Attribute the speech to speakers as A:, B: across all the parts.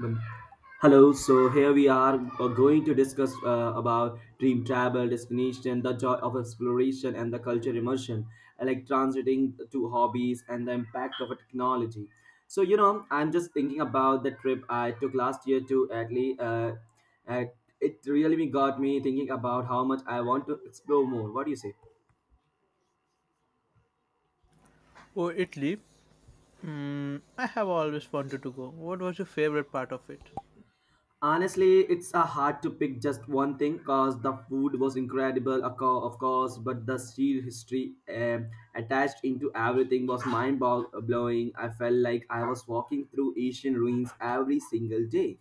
A: Well, Hello, so here we are going to discuss about dream travel, destination, the joy of exploration, and the culture immersion, like transiting to hobbies and the impact of a technology. So, I'm just thinking about the trip I took last year to Italy. Uh, it really got me thinking about how much I want to explore more. What do you say?
B: Oh, Italy. Mm, I have always wanted to go. What was your favorite part of it?
A: Honestly, it's hard to pick just one thing because the food was incredible, of course, but the sheer history attached into everything was mind blowing. I felt like I was walking through Asian ruins every single day.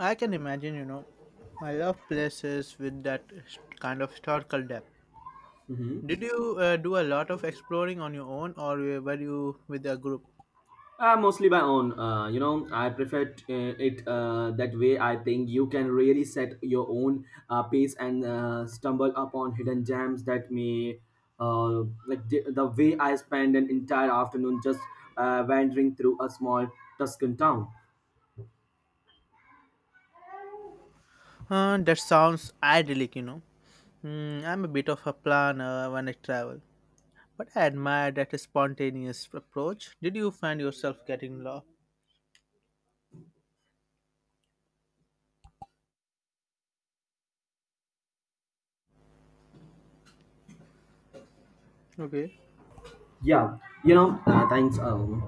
B: I can imagine, you know. I love places with that kind of historical depth. Did you do a lot of exploring on your own, or were you with a group?
A: Mostly by own. I prefer t- it that way. I think you can really set your own pace and stumble upon hidden gems that may, like the way I spend an entire afternoon just wandering through a small Tuscan town.
B: That sounds idyllic, you know. Mm, I'm a bit of a planner when I travel, but I admire that spontaneous approach. Did you find yourself getting lost? Okay.
A: Yeah. Thanks. Um,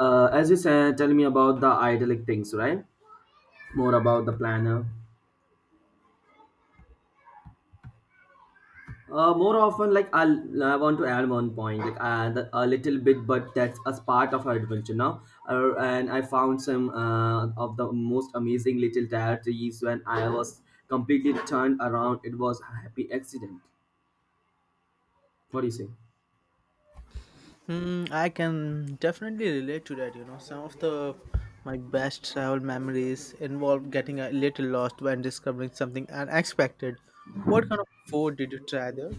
A: uh, As you said, tell me about the idyllic things, right? More about the planner. More often, like I want to add one point, like a little bit, but that's as part of our adventure now. And I found some of the most amazing little tire trees when I was completely turned around. It was a happy accident. What do you say?
B: Hmm, I can definitely relate to that. You know, some of the my best travel memories involve getting a little lost when discovering something unexpected. What kind of food did you try there?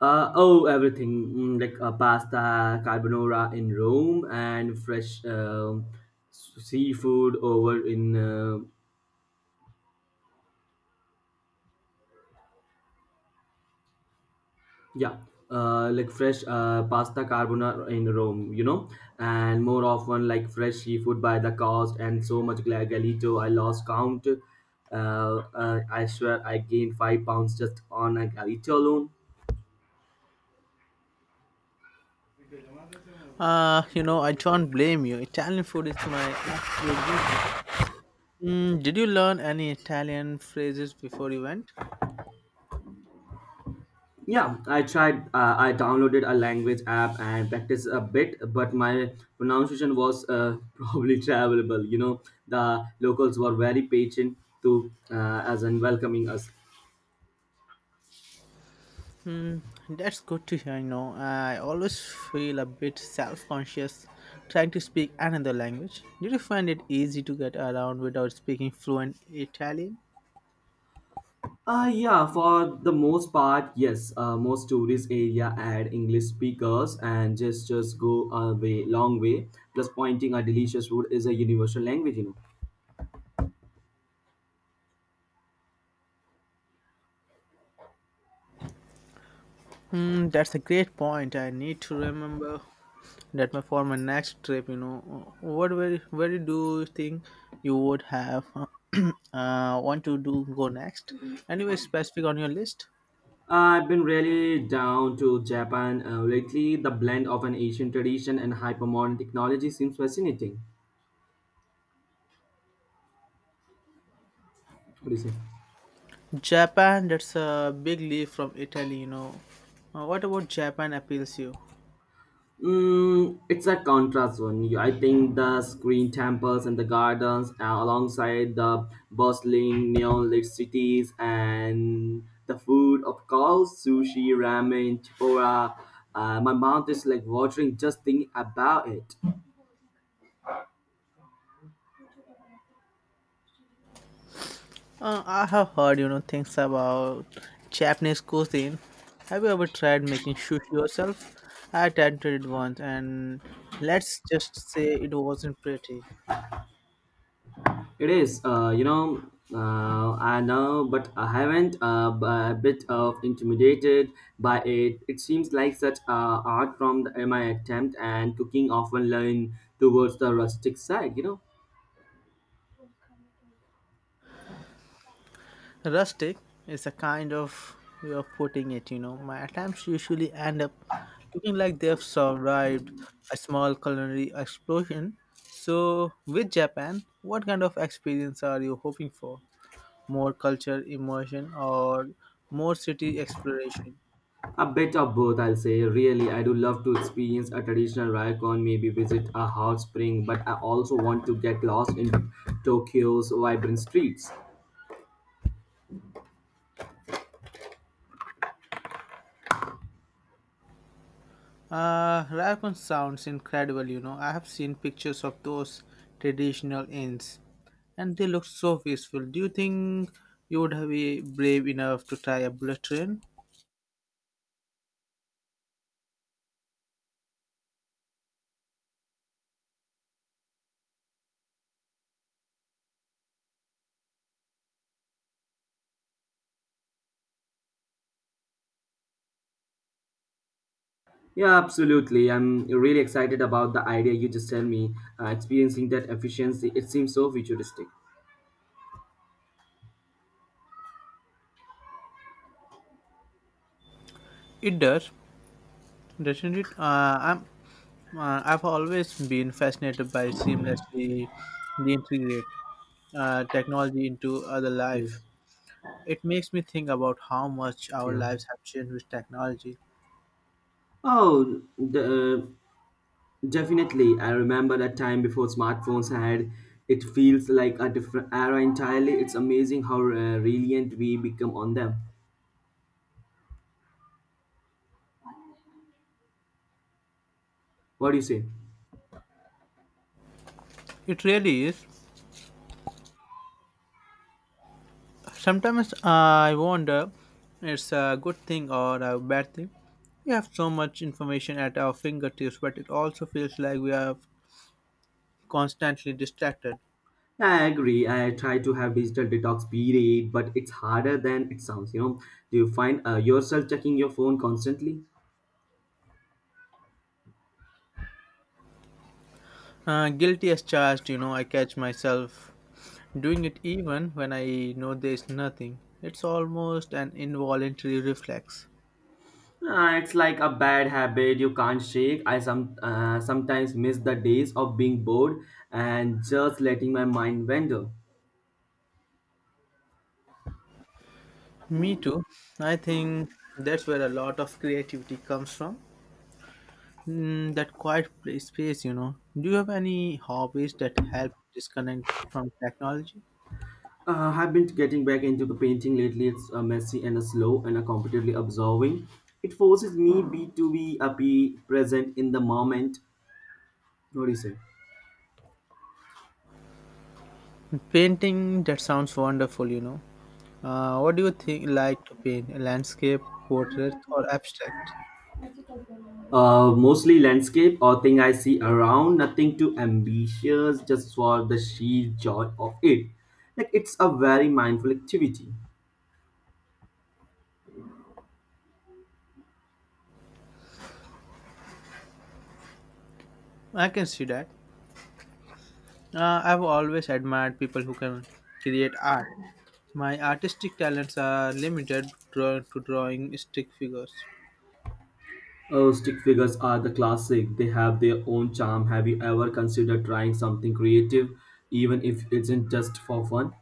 A: Oh, everything like pasta carbonara in Rome and fresh seafood over in Yeah, like fresh pasta carbonara in Rome, and more often like fresh seafood by the cost and so much galito. I lost count. Uh, I swear I gained 5 pounds just on a galito alone.
B: You know, I don't blame you. Italian food is my absolute weakness. Mm, did you learn any Italian phrases before you went?
A: Yeah, I tried. I downloaded a language app and practiced a bit, but my pronunciation was probably travelable. The locals were very patient to as in welcoming us.
B: Mm, that's good to hear. You know, I always feel a bit self-conscious trying to speak another language. Did you find it easy to get around without speaking fluent Italian?
A: Yeah, for the most part, yes. Most tourist area add English speakers and gestures go a way, long way. Plus, pointing a delicious food is a universal language.
B: Hmm, that's a great point. I need to remember that my for my next trip. You know, what where do you think you would have want to do go next? Anyway, specific on your list.
A: I've been really down to Japan lately. The blend of an Asian tradition and hypermodern technology seems fascinating. What do you say?
B: Japan. That's a big leap from Italy. You know, what about Japan appeals you?
A: Mm, it's a contrast one. I think the screen temples and the gardens, alongside the bustling neon lit cities and the food, of course, sushi, ramen, tempura. My mouth is like watering just thinking about it.
B: I have heard, you know, things about Japanese cuisine. Have you ever tried making sushi yourself? I attempted it once, and let's just say it wasn't pretty.
A: It is, I know, but I haven't a bit of intimidated by it. It seems like such art from the my attempt and cooking often lean towards the rustic side.
B: Rustic is a kind of way of putting it, you know. My attempts usually end up looking like they've survived a small culinary explosion. So, with Japan, what kind of experience are you hoping for? More culture immersion or more city exploration?
A: A bit of both. I'll say. Really, I do love to experience a traditional ryokan, maybe visit a hot spring, but I also want to get lost in Tokyo's vibrant streets.
B: Raycon sounds incredible, you know. I have seen pictures of those traditional inns, and they look so peaceful. Do you think you would have been brave enough to try a bullet train?
A: Yeah, absolutely. I'm really excited about the idea you just tell me. Experiencing that efficiency, it seems so futuristic.
B: It does, doesn't it? I've always been fascinated by seamlessly the integrate technology into other life.
A: Yes.
B: It makes me think about how much our
A: Yeah.
B: lives have changed with technology.
A: Oh, uh, definitely. I remember that time before smartphones had. It feels like a different era entirely. It's amazing how reliant we become on them. What do you say?
B: It really is. Sometimes I wonder it's a good thing or a bad thing. We have so much information at our fingertips, but it also feels like we are constantly distracted.
A: Yeah, I agree. I try to have digital detox period, but it's harder than it sounds. Do you find yourself checking your phone constantly?
B: Guilty as charged, you know, I catch myself doing it even when I know there's nothing. It's almost an involuntary reflex.
A: It's like a bad habit you can't shake. I sometimes miss the days of being bored and just letting my mind wander.
B: Me too. I think that's where a lot of creativity comes from. Mm, that quiet place, space, you know. Do you have any hobbies that help disconnect from technology?
A: I've been getting back into the painting lately. It's messy and slow and completely absorbing. It forces me be to be present in the moment. What do you say?
B: Painting, that sounds wonderful, you know. What do you think like to paint? A landscape, portrait, or abstract?
A: Mostly landscape or thing I see around. Nothing too ambitious, just for the sheer joy of it. Like it's a very mindful activity.
B: I can see that. I've always admired people who can create art. My artistic talents are limited to drawing stick figures.
A: Oh, stick figures are the classic. They have their own charm. Have you ever considered trying something creative, even if it's in just for fun?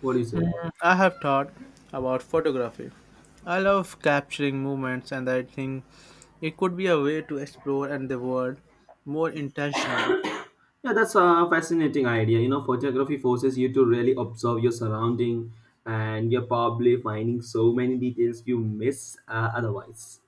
A: What do you say?
B: I have thought about photography. I love capturing moments, and I think it could be a way to explore and the world more intentionally.
A: Yeah, that's a fascinating idea. Photography forces you to really observe your surrounding, and you're probably finding so many details you miss otherwise.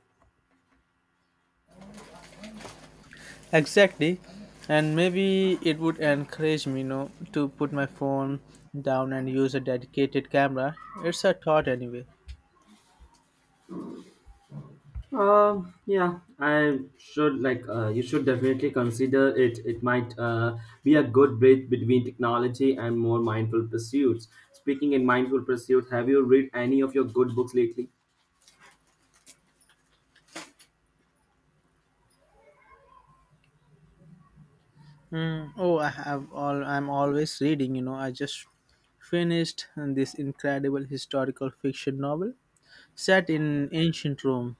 B: Exactly, and maybe it would encourage me, you know, to put my phone down and use a dedicated camera. It's a thought anyway.
A: Yeah, I should like you should definitely consider it. It might be a good bridge between technology and more mindful pursuits. Speaking in mindful pursuits, have you read any of your good books lately?
B: Mm, oh, I have all. I'm always reading. You know, I just finished this incredible historical fiction novel set in ancient Rome.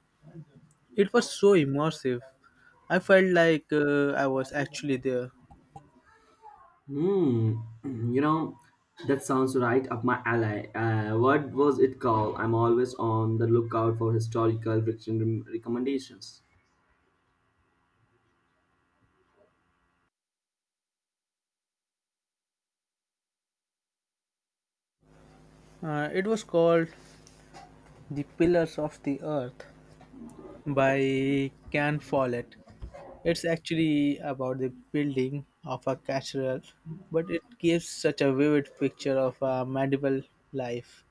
B: It was so immersive. I felt like I was actually there.
A: Hmm, that sounds right up my alley. What was it called? I'm always on the lookout for historical fiction recommendations.
B: It was called The Pillars of the Earth by Can Follett. It's actually about the building of a cathedral, but it gives such a vivid picture of a medieval life.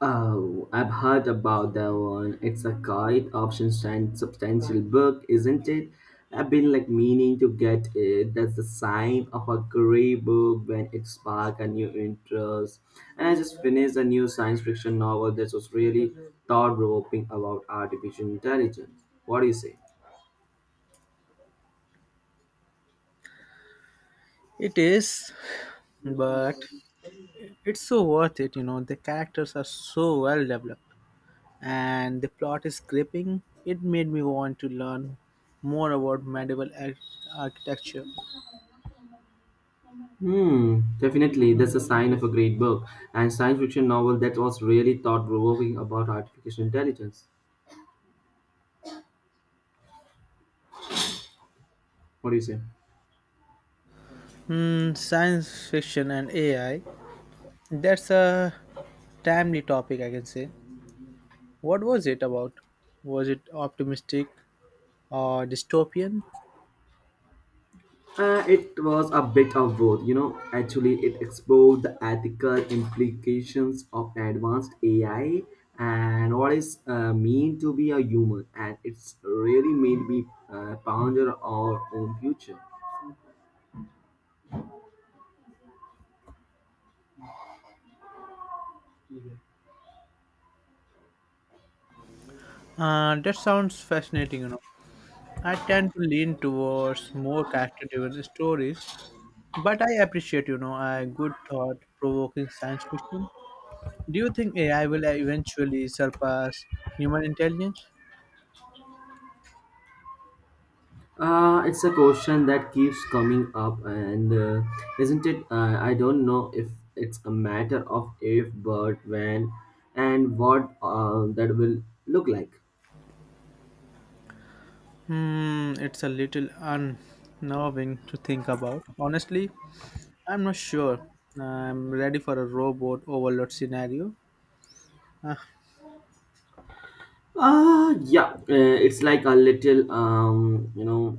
A: Oh, I've heard about that one. It's a quite option and substantial book, isn't it? I've been like meaning to get it. That's the sign of a great book when it spark a new interest. And I just finished a new science fiction novel that was really thought provoking about artificial intelligence. What do you say?
B: It is, but it's so worth it, you know. The characters are so well developed and the plot is gripping. It made me want to learn more about medieval architecture.
A: Hmm, definitely. That's a sign of a great book. And science fiction novel that was really thought provoking about artificial intelligence. What do you say?
B: Hmm, science fiction and AI. That's a timely topic, I can say. What was it about? Was it optimistic or dystopian?
A: It was a bit of both. Actually, it explored the ethical implications of advanced AI and what is mean to be a human, and it's really made me ponder our own future.
B: That sounds fascinating, you know. I tend to lean towards more character-driven stories, but I appreciate, you know, a good thought-provoking science fiction. Do you think AI will eventually surpass human intelligence?
A: It's a question that keeps coming up, and isn't it? I don't know if it's a matter of if, but when, and what that will look like.
B: Hmm, it's a little unnerving to think about. Honestly, I'm not sure I'm ready for a robot overload scenario. Uh,
A: Yeah, it's like a little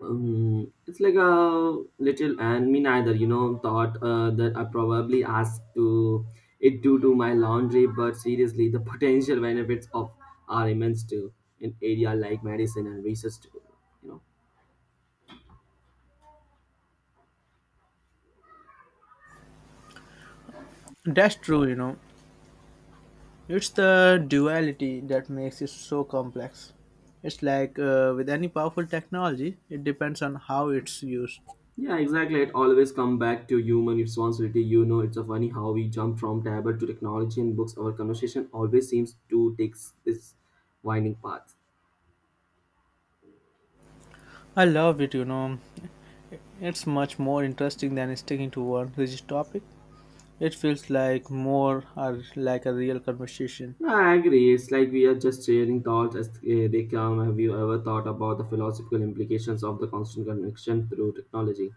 A: and me neither thought that I probably asked to it due to my laundry, but seriously the potential benefits of are immense too in area like medicine and research too, you know.
B: that's true, you know. It's the duality that makes it so complex. It's like with any powerful technology, it depends on how it's used.
A: Yeah, exactly. It always come back to human responsibility. It's a funny how we jump from tablet to technology and books. Our conversation always seems to take this winding path.
B: I love it, you know. It's much more interesting than sticking to one rigid topic. It feels like more or like a real conversation.
A: Nah, I agree. It's like we are just sharing thoughts as they come. Have you ever thought about the philosophical implications of the constant connection through technology? What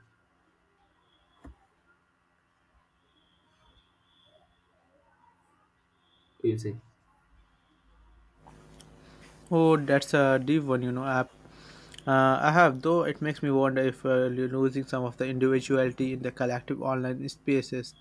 A: do you say?
B: Oh, that's a deep one, you know, app. I have, though it makes me wonder if you're losing some of the individuality in the collective online spaces.